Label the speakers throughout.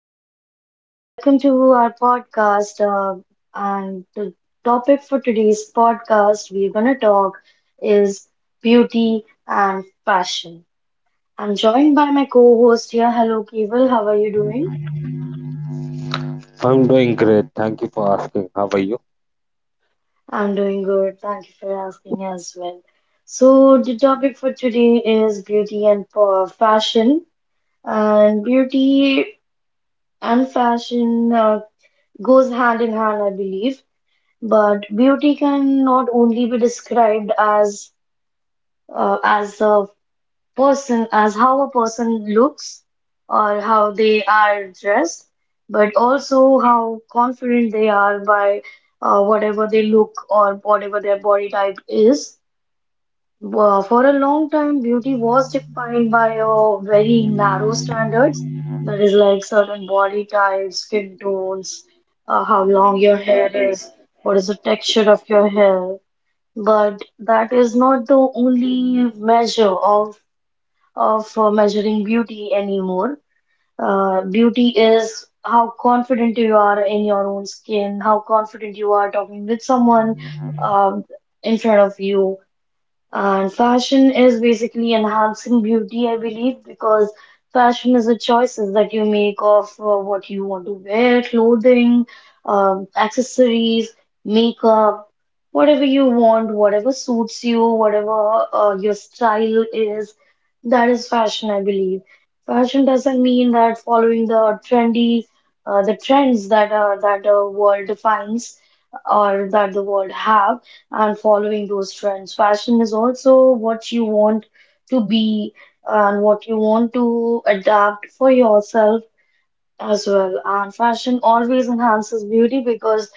Speaker 1: Komal. Welcome to our podcast. And the topic for today's podcast we're going to talk is beauty and fashion. I'm joined by my co host here. Hello, Keval. How are you doing?
Speaker 2: I'm doing great. Thank you for asking. How are you?
Speaker 1: I'm doing good. Thank you for asking as well. So, the topic for today is beauty and fashion. And beauty and fashion goes hand in hand, I believe. But beauty can not only be described as as a person, as how a person looks or how they are dressed, but also how confident they are by whatever they look or whatever their body type is. For a long time, beauty was defined by a very narrow standards, that is like certain body types, skin tones, how long your hair is, what is the texture of your hair, but that is not the only measure of measuring beauty anymore. Beauty is how confident you are in your own skin, how confident you are talking with someone um, in front of you, and fashion is basically enhancing beauty, I believe, because fashion is the choices that you make of what you want to wear, clothing, accessories, makeup, whatever you want, whatever suits you, whatever your style is. That is fashion, I believe. Fashion doesn't mean that following the trendy, the trends that that the world defines or that the world have and following those trends. Fashion is also what you want to be and what you want to adapt for yourself as well. And fashion always enhances beauty because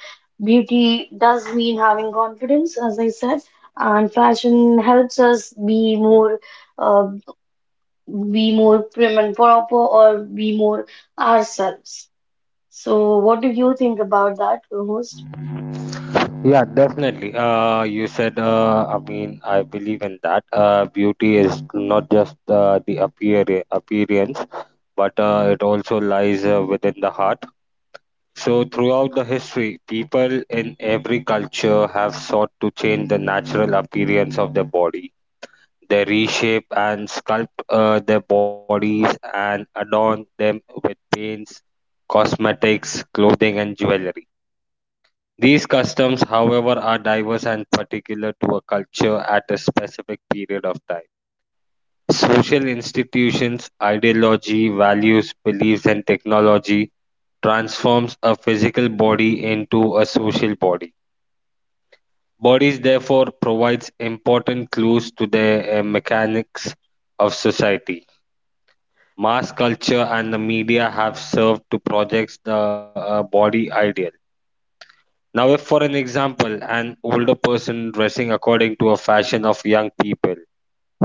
Speaker 1: beauty does mean having confidence, as I said. And fashion helps us uh, be more prim and proper, or be more ourselves. So, what do you think about that, co-host?
Speaker 2: Yeah, definitely. You said, I mean, I believe in that. Beauty is not just the appearance, but it also lies within the heart. So, throughout the history, people in every culture have sought to change the natural appearance of their body. They reshape and sculpt their bodies and adorn them with paints, cosmetics, clothing, and jewelry. These customs, however, are diverse and particular to a culture at a specific period of time. Social institutions, ideology, values, beliefs, and technology transforms a physical body into a social body. Bodies therefore provides important clues to the mechanics of society. Mass culture and the media have served to project the body idea. Now, if for an example, an older person dressing according to a fashion of young people,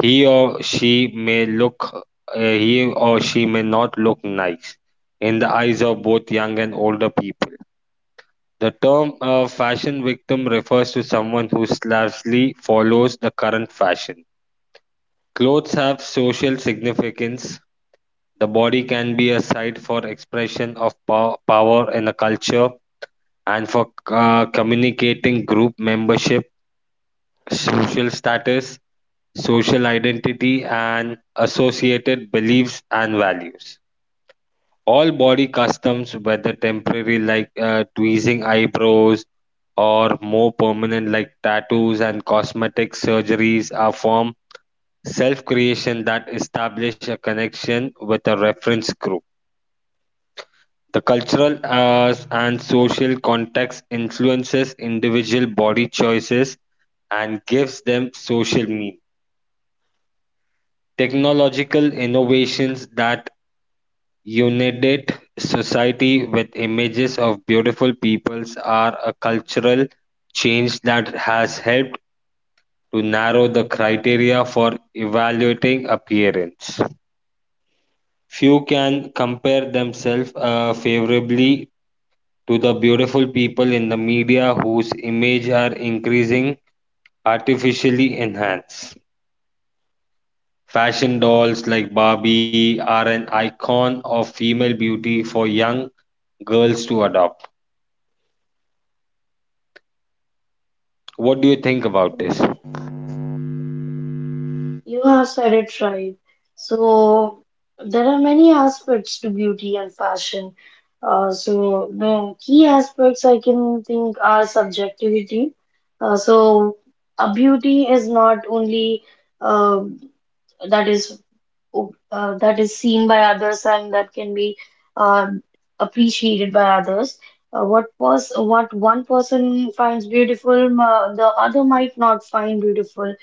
Speaker 2: he or she may look, he or she may not look nice in the eyes of both young and older people. The term fashion victim refers to someone who slavishly follows the current fashion. Clothes have social significance. The body can be a site for expression of power in a culture and for communicating group membership, social status, social identity, and associated beliefs and values. All body customs, whether temporary like tweezing eyebrows, or more permanent like tattoos and cosmetic surgeries, are form self creation that establish a connection with a reference group. The cultural and social context influences individual body choices and gives them social meaning. Technological innovations that unite society with images of beautiful peoples are a cultural change that has helped to narrow the criteria for evaluating appearance. Few can compare themselves favorably to the beautiful people in the media whose image are increasing artificially enhanced. Fashion dolls like Barbie are an icon of female beauty for young girls to adopt. What do you think about this?
Speaker 1: You have said it right. So there are many aspects to beauty and fashion. So the key aspects I can think are subjectivity. Uh, so a beauty is not only uh, that is that is seen by others and that can be um, appreciated by others. What was what one person finds beautiful, the other might not find beautiful.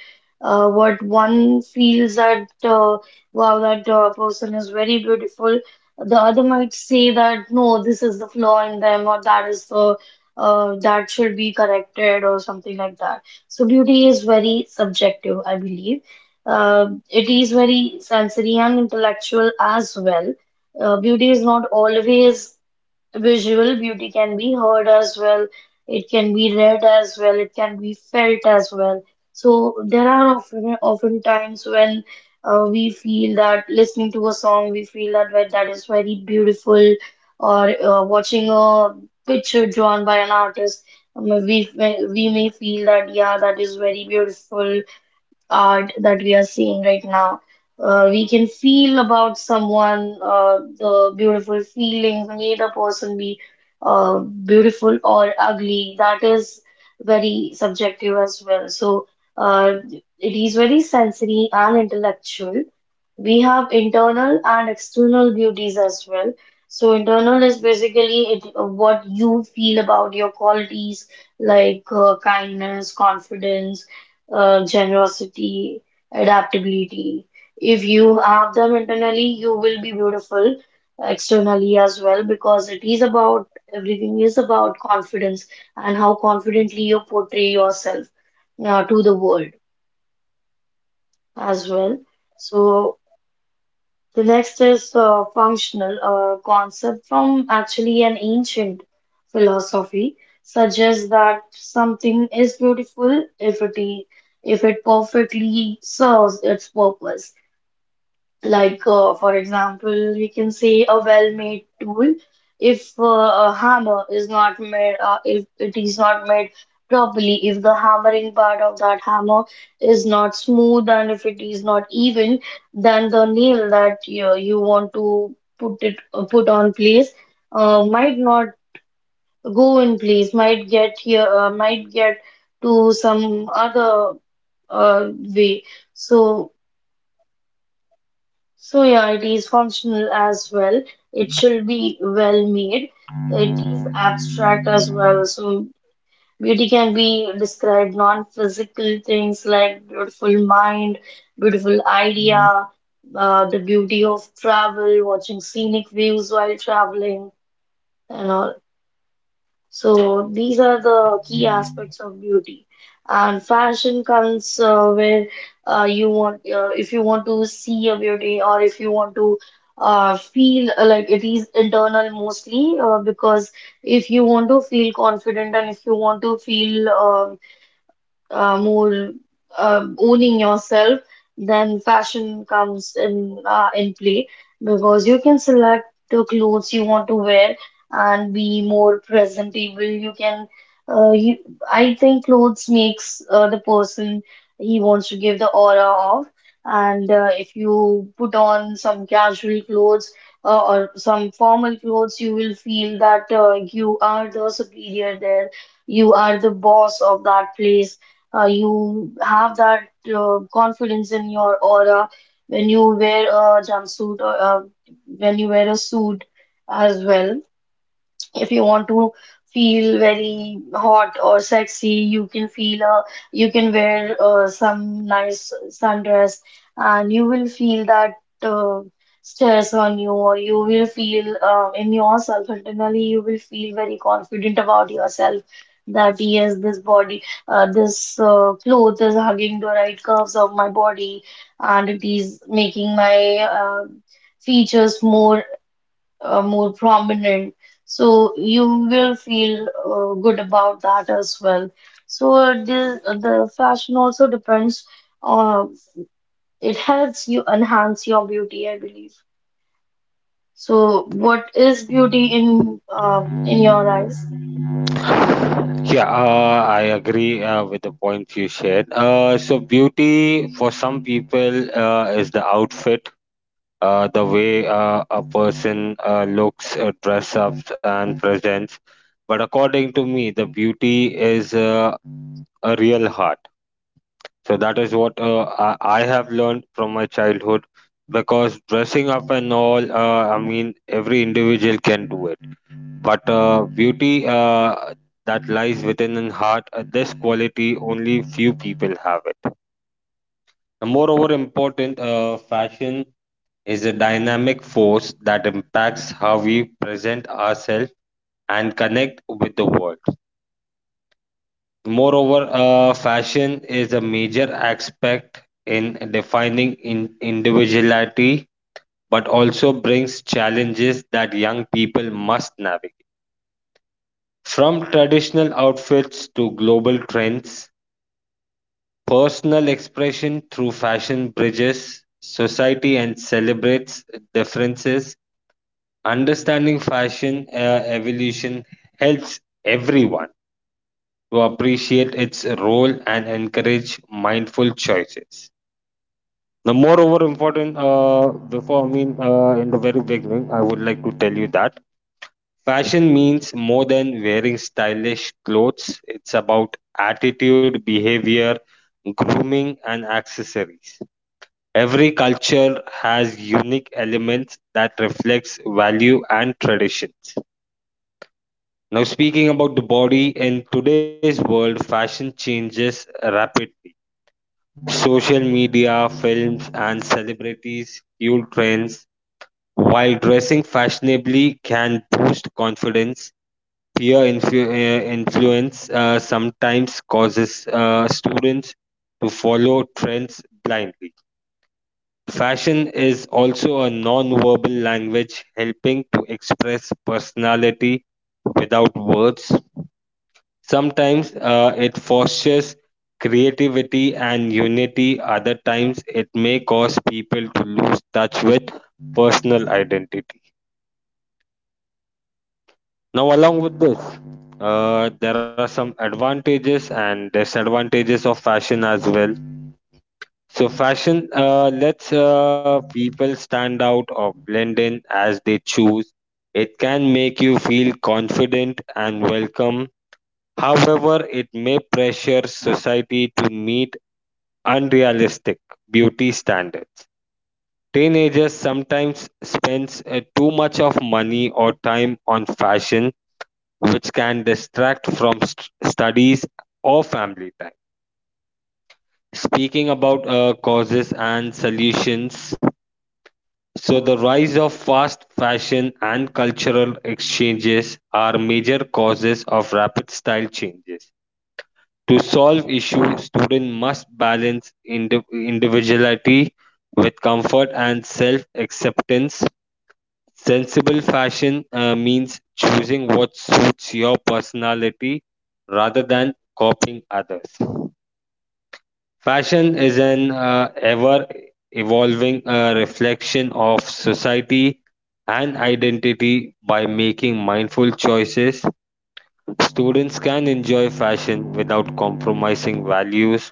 Speaker 1: What one feels that wow, that person is very beautiful, the other might say that no, this is the flaw in them, or that is the that should be corrected, or something like that. So beauty is very subjective, I believe. It is very sensory and intellectual as well. Beauty is not always visual. Beauty can be heard as well. It can be read as well. It can be felt as well. So there are often times when we feel that listening to a song, we feel that that is very beautiful, or watching a picture drawn by an artist, we may feel that yeah, that is very beautiful art that we are seeing right now. We can feel about someone, the beautiful feelings may the person be beautiful or ugly. That is very subjective as well. So uh, it is very sensory and intellectual. We have internal and external beauties as well. So internal is basically it, what you feel about your qualities like kindness, confidence, generosity, adaptability. If you have them internally, you will be beautiful externally as well because it is about everything is about confidence and how confidently you portray yourself to the world as well. So the next is functional, a concept from actually an ancient philosophy, suggests that something is beautiful if it, i- if it perfectly serves its purpose. Like, for example, we can say a well-made tool. If a hammer is not made, if it is not made properly, if the hammering part of that hammer is not smooth and if it is not even, then the nail that you want to put it put on place might not go in place, might get here, might get to some other way. So. So yeah, it is functional as well. It should be well made. It is abstract as well. So beauty can be described non-physical things like beautiful mind, beautiful idea, the beauty of travel, watching scenic views while traveling, and all. So these are the key aspects of beauty. And fashion comes where you want, if you want to see a beauty or if you want to feel like it is internal mostly, because if you want to feel confident and if you want to feel more owning yourself, then fashion comes in play because you can select the clothes you want to wear and be more presentable. You can, uh, you, I think clothes makes the person he wants to give the aura of. And if you put on some casual clothes or some formal clothes, you will feel that you are the superior there. You are the boss of that place, you have that confidence in your aura when you wear a jumpsuit or when you wear a suit as well. If you want to feel very hot or sexy, you can feel uh, you can wear some nice sundress and you will feel that uh, stress on you, or you will feel in yourself internally you will feel very confident about yourself that yes, this body, this clothes is hugging the right curves of my body and it is making my features more more prominent. So you will feel good about that as well. So the fashion also depends on, it helps you enhance your beauty, I believe. So what is beauty in your eyes?
Speaker 2: Yeah, I agree with the points you shared. So, beauty for some people is the outfit, the way a person looks, dress up, and presents. But according to me, the beauty is a real heart. So that is what I have learned from my childhood because dressing up and all, I mean, every individual can do it. But beauty that lies within the heart, this quality only few people have it. And moreover, important, fashion is a dynamic force that impacts how we present ourselves and connect with the world. Moreover, fashion is a major aspect in defining in individuality, but also brings challenges that young people must navigate. From traditional outfits to global trends, personal expression through fashion bridges society and celebrates differences. Understanding fashion evolution helps everyone to appreciate its role and encourage mindful choices. Now, moreover important, before I mean, in the very beginning, I would like to tell you that fashion means more than wearing stylish clothes. It's about attitude, behavior, grooming, and accessories. Every culture has unique elements that reflects value and traditions. Now, speaking about the body, in today's world, fashion changes rapidly. Social media, films, and celebrities fuel trends. While dressing fashionably can boost confidence, peer influence sometimes causes students to follow trends blindly. Fashion is also a non-verbal language helping to express personality without words. Sometimes it fosters creativity and unity; other times it may cause people to lose touch with personal identity. Now, along with this, there are some advantages and disadvantages of fashion as well. So, fashion lets people stand out or blend in as they choose. It can make you feel confident and welcome. However, it may pressure society to meet unrealistic beauty standards. Teenagers sometimes spends too much of money or time on fashion, which can distract from studies or family time. Speaking about causes and solutions, so the rise of fast fashion and cultural exchanges are major causes of rapid style changes. To solve issues, students must balance individuality with comfort and self acceptance. Sensible fashion means choosing what suits your personality rather than copying others. Fashion is an ever evolving reflection of society and identity by making mindful choices. Students can enjoy fashion without compromising values.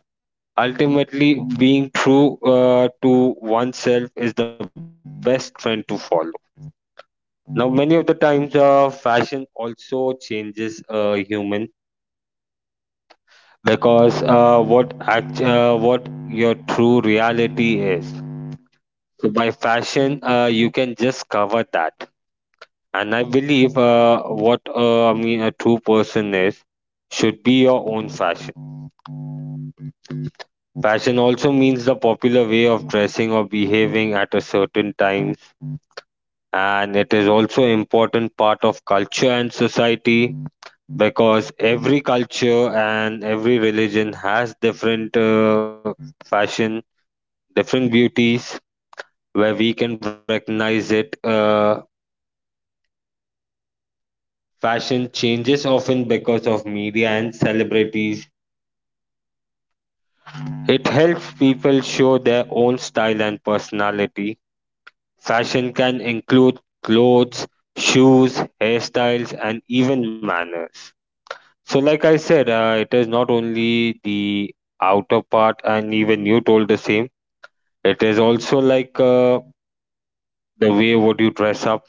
Speaker 2: Ultimately, being true to oneself is the best trend to follow. Now, many of the times, fashion also changes a human because what your true reality is. So, by fashion, you can just cover that. And I believe what I mean a true person is should be your own fashion. Fashion also means the popular way of dressing or behaving at a certain times, and it is also important part of culture and society because every culture and every religion has different fashion, different beauties where we can recognize it. Fashion changes often because of media and celebrities. It helps people show their own style and personality. Fashion can include clothes, shoes, hairstyles, and even manners. So, like I said, it is not only the outer part, and even you told the same. It is also like the way what you dress up,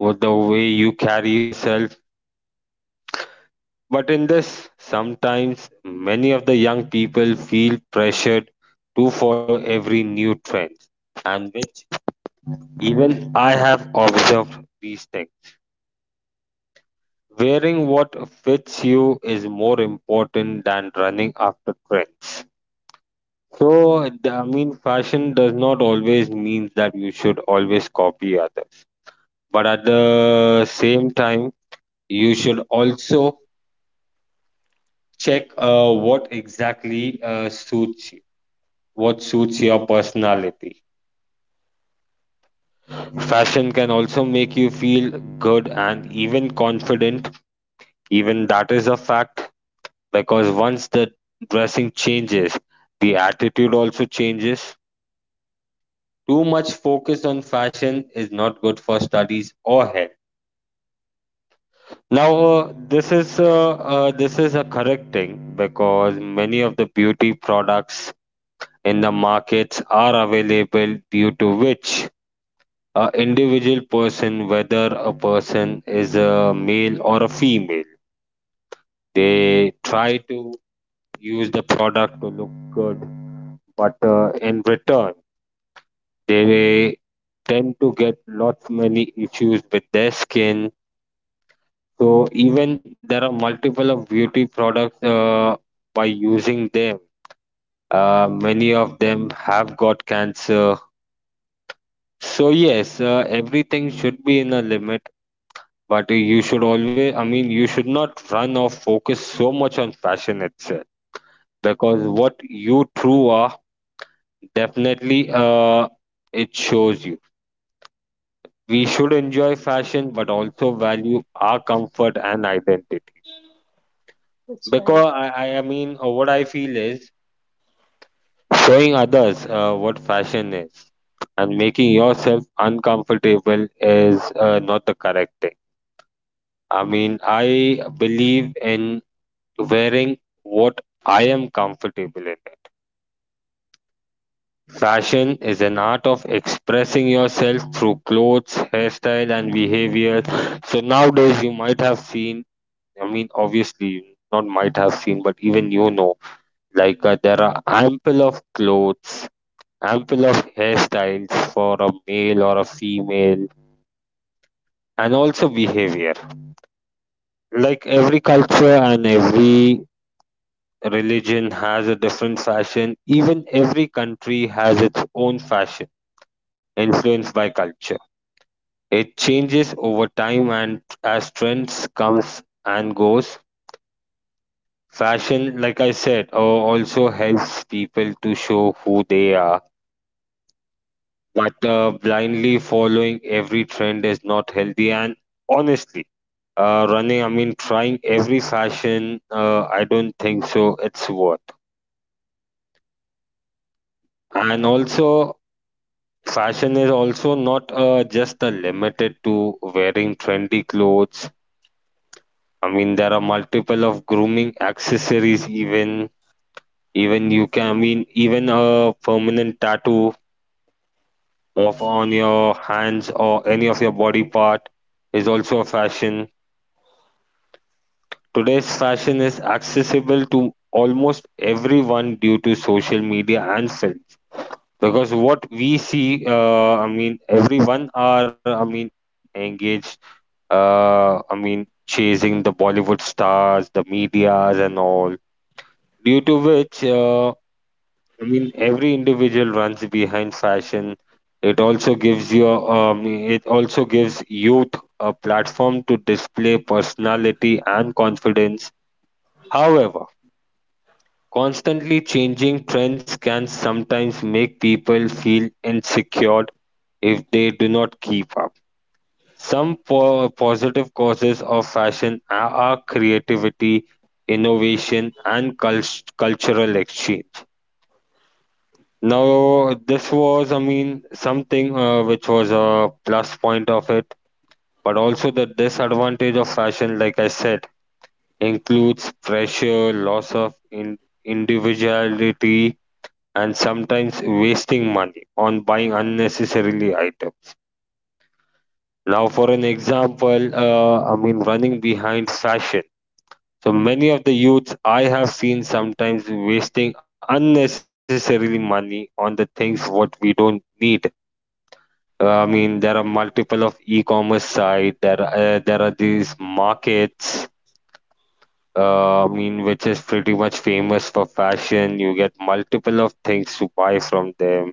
Speaker 2: what the way you carry yourself. But in this, sometimes many of the young people feel pressured to follow every new trend, and which even I have observed these things. Wearing what fits you is more important than running after trends. So, I mean, fashion does not always mean that you should always copy others, but at the same time you should also check what exactly suits you, what suits your personality. Fashion can also make you feel good and even confident. Even that is a fact because once the dressing changes, the attitude also changes. Too much focus on fashion is not good for studies or health. Now, this is a correct thing because many of the beauty products in the markets are available, due to which a individual person, whether a person is a male or a female, they try to use the product to look good, but in return they tend to get lots many issues with their skin. So even there are multiple of beauty products, by using them, many of them have got cancer. So yes, everything should be in a limit, but you should always, I mean, you should not run or focus so much on fashion itself because what you true are, definitely it shows you. We should enjoy fashion, but also value our comfort and identity.
Speaker 1: That's right.
Speaker 2: Because I mean, what I feel is showing others what fashion is and making yourself uncomfortable is not the correct thing. I mean, I believe in wearing what I am comfortable in. Fashion is an art of expressing yourself through clothes, hairstyle, and behavior. So nowadays, you might have seen, I mean, obviously, you not might have seen, but even you know, like there are ample of clothes, ample of hairstyles for a male or a female, and also behavior. Like every culture and every religion has a different fashion. Even every country has its own fashion, influenced by culture. It changes over time and as trends comes and goes. Fashion, like I said, also helps people to show who they are. But blindly following every trend is not healthy. And honestly, I mean, trying every fashion, I don't think so. It's worth. And also, fashion is also not just limited to wearing trendy clothes. I mean, there are multiple of grooming accessories. Even you can. I mean, even a permanent tattoo of on your hands or any of your body part is also a fashion. Today's fashion is accessible to almost everyone due to social media and films because what we see, I mean, everyone are, I mean, engaged, I mean, chasing the Bollywood stars, the medias, and all. Due to which, I mean, every individual runs behind fashion. It also gives you, it also gives youth a platform to display personality and confidence. However, constantly changing trends can sometimes make people feel insecure if they do not keep up. Some positive causes of fashion are creativity, innovation, and cultural exchange. Now, this was, I mean, something which was a plus point of it, but also the disadvantage of fashion, like I said, includes pressure, loss of individuality, and sometimes wasting money on buying unnecessarily items. Now, for an example, I mean, running behind fashion, so many of the youths I have seen sometimes wasting unnecessarily money on the things what we don't need. I mean, there are multiple of e-commerce site. There are these markets. I mean, which is pretty much famous for fashion. You get multiple of things to buy from them.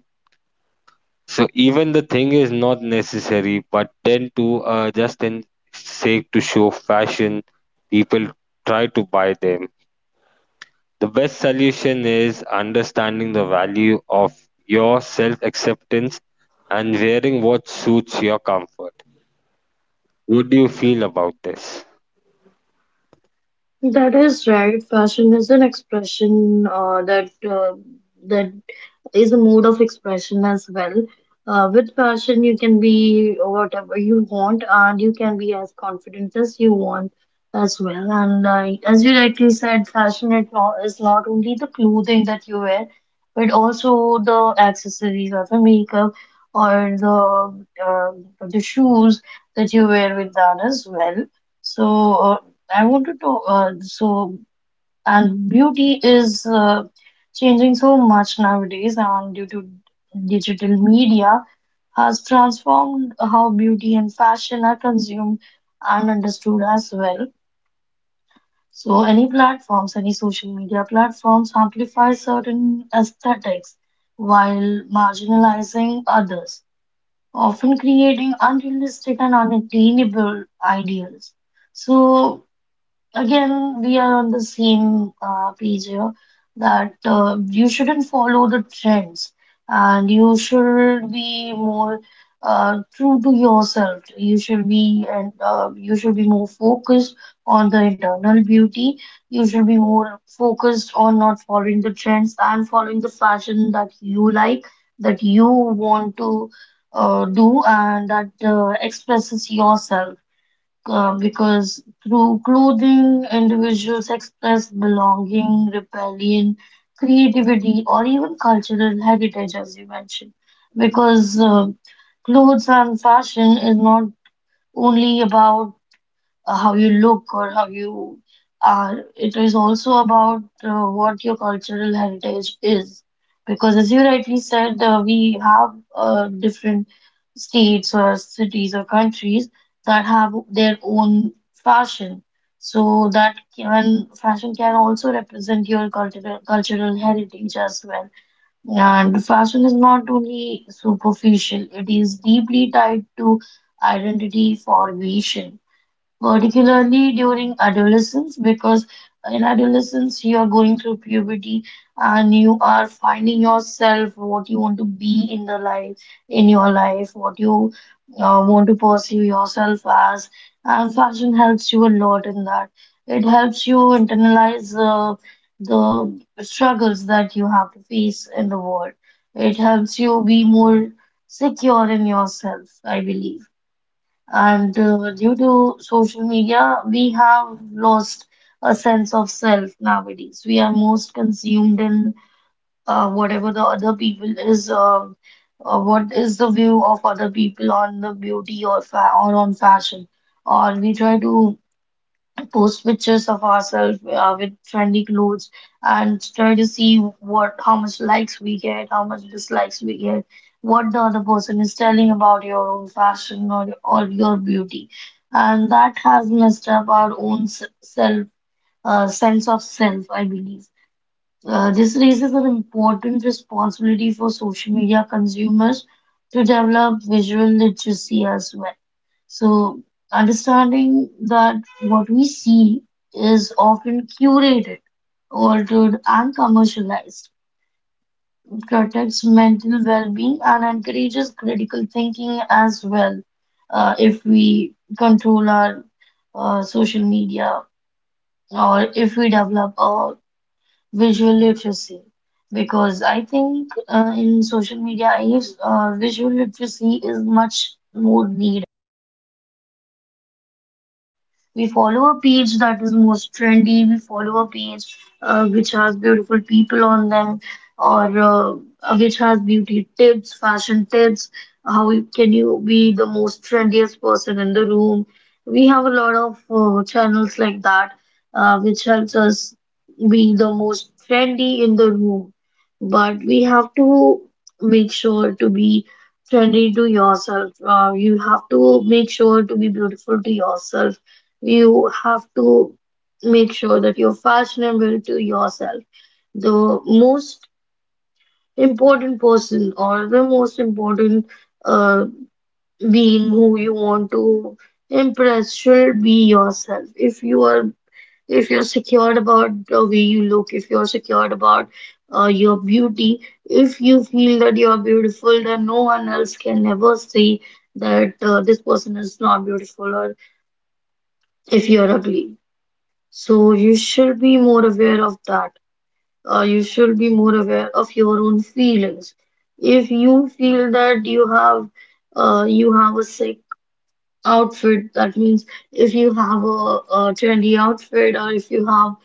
Speaker 2: So even the thing is not necessary, but then to just in sake to show fashion, people try to buy them. The best solution is understanding the value of your self acceptance and wearing what suits your comfort. What do you feel about this?
Speaker 1: That is right. Fashion is an expression uh, that is a mode of expression as well. With passion, you can be whatever you want, and you can be as confident as you want as well. And as you rightly said, fashion it not, is not only the clothing that you wear, but also the accessories or the makeup or the shoes that you wear with that as well. So uh, I wanted to and beauty is changing so much nowadays, and due to digital media, has transformed how beauty and fashion are consumed and understood as well. So, any platforms, any social media platforms amplify certain aesthetics while marginalizing others, often creating unrealistic and unattainable ideals. So, again we are on the same page here that you shouldn't follow the trends and you should be more true to yourself you should be, and you should be more focused on the internal beauty, you should be more focused on not following the trends and following the fashion that you like, that you want to do and that expresses yourself, because through clothing, individuals express belonging, rebellion, creativity, or even cultural heritage, as you mentioned. Because clothes and fashion is not only about how you look or how you are. It is also about what your cultural heritage is. Because as you rightly said, we have different states or cities or countries that have their own fashion. So that can fashion can also represent your cultural heritage as well. And fashion is not only superficial, it is deeply tied to identity formation, particularly during adolescence, because in adolescence you are going through puberty and you are finding yourself what you want to be in the life, in your life, what you want to pursue yourself as. And fashion helps you a lot in that. It helps you internalize the struggles that you have to face in the world. It helps you be more secure in yourself, I believe, and due to social media, we have lost a sense of self nowadays. We are most consumed in whatever the other people is, what is the view of other people on the beauty or fa or on fashion, or we try to post pictures of ourselves with trendy clothes and try to see what how much likes we get, how much dislikes we get, what the other person is telling about your own fashion or your beauty. And that has messed up our own sense of self, I believe. This raises an important responsibility for social media consumers to develop visual literacy as well. So, understanding that what we see is often curated, altered, and commercialized protects mental well being and encourages critical thinking as well. If we control our social media, or if we develop a visual literacy, because I think in social media age, visual literacy is much more needed. We follow a page that is most trendy. We follow a page which has beautiful people on them, or which has beauty tips, fashion tips. Can you be the most trendiest person in the room? We have a lot of channels like that, which helps us be the most trendy in the room. But we have to make sure to be trendy to yourself. You have to make sure to be beautiful to yourself. You have to make sure that you're fashionable to yourself. The most important person, or the most important uh, being, who you want to impress should be yourself. If you're secured about the way you look, if you're secured about your beauty, if you feel that you are beautiful, then no one else can ever say that this person is not beautiful, or if you're ugly. So you should be more aware of that. You should be more aware of your own feelings. If you feel that you have a sick outfit, that means if you have a trendy outfit, or if you have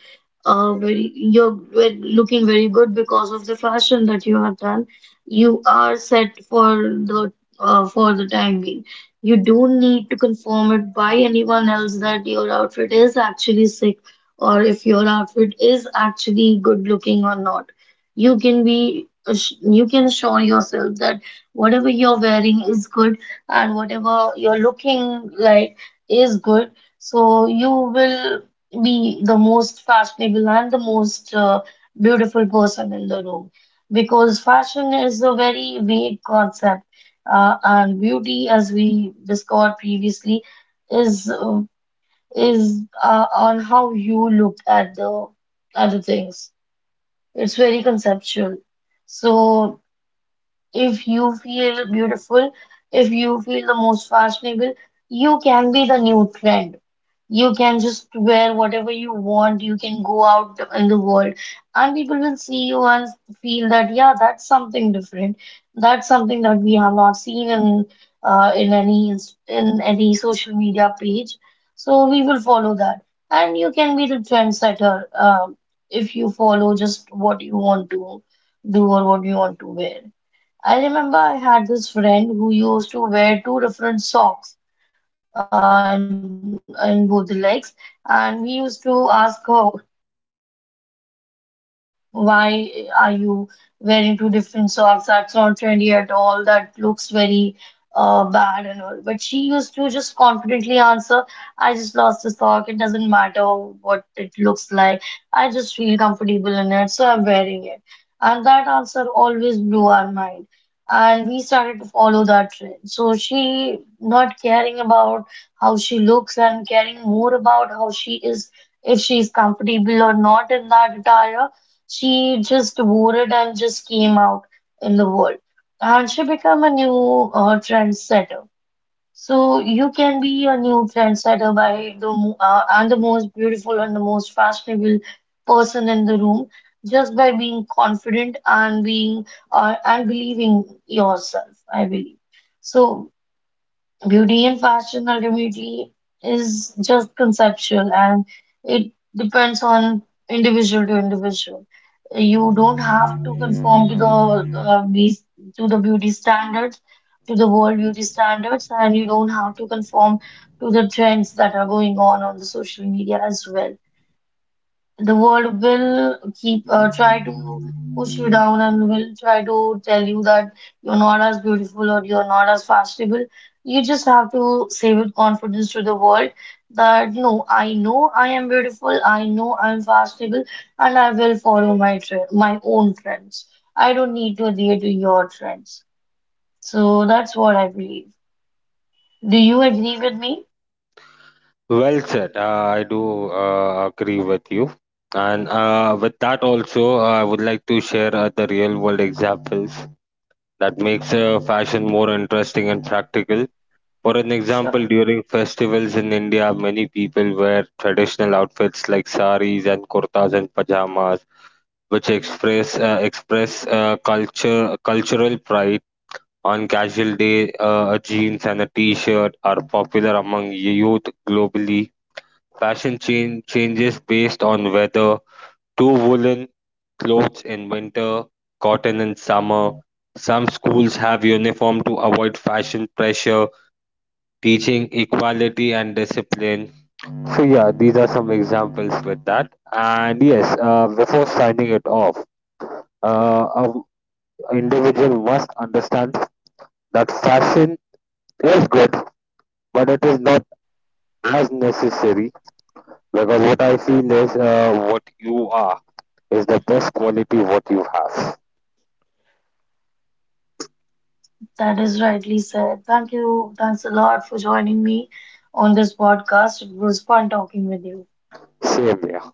Speaker 1: looking very good because of the fashion that you have done, you are set for the time being. You don't need to conform it by anyone else that your outfit is actually sick, or if your outfit is actually good looking or not. You can assure yourself that whatever you're wearing is good, and whatever you're looking like is good. So you will be the most fashionable and the most beautiful person in the room, because fashion is a very vague concept, and beauty, as we discussed previously, is uh, is on how you look at the things. It's very conceptual. So if you feel beautiful, if you feel the most fashionable, you can be the new trend. You can just wear whatever you want. You can go out in the world, and people will see you and feel that, yeah, that's something different. That's something that we have not seen in in any social media page. So we will follow that, and you can be the trendsetter if you follow just what you want to do or what you want to wear. I remember I had this friend who used to wear two different socks in both the legs, and we used to ask her, why are you wearing two different socks? That's not trendy at all. That looks very bad and all. But she used to just confidently answer, I just lost a sock. It doesn't matter what it looks like. I just feel comfortable in it, so I'm wearing it. And that answer always blew our mind. And we started to follow that trend. So she, not caring about how she looks and caring more about how she is, if she's comfortable or not in that attire, she just wore it and just came out in the world. And she became a new trendsetter. So you can be a new trendsetter by the most beautiful and the most fashionable person in the room, just by being confident and being and believing yourself, I believe. So beauty and fashion ultimately is just conceptual, and it depends on individual to individual. You don't have to conform to the beauty standards, to the world beauty standards, and you don't have to conform to the trends that are going on the social media as well. The world will keep try to push you down and will try to tell you that you're not as beautiful or you're not as fashionable. You just have to say with confidence to the world that no, I know I am beautiful, I know I'm fashionable, and I will follow my trend, my own trends. I don't need to adhere to your trends. So that's what I believe. Do you agree with me?
Speaker 2: Well said. I do agree with you. And with that also, I would like to share the real world examples that makes fashion more interesting and practical. For an example,
Speaker 1: Sure.
Speaker 2: during festivals in India, many people wear traditional outfits like saris and kurtas and pajamas, which express culture cultural pride. On casual day, a jeans and a t-shirt are popular among youth globally. Fashion changes based on weather. Two woolen clothes in winter, cotton in summer. Some schools have uniform to avoid fashion pressure, teaching equality and discipline. So yeah, these are some examples with that. And yes, before signing it off, uh, a individual must understand that fashion is good, but it is not as necessary because what I feel is what you are is the best quality what you have.
Speaker 1: That is rightly said. Thank you. Thanks a lot for joining me on this podcast. It was fun talking with you.
Speaker 2: Same here.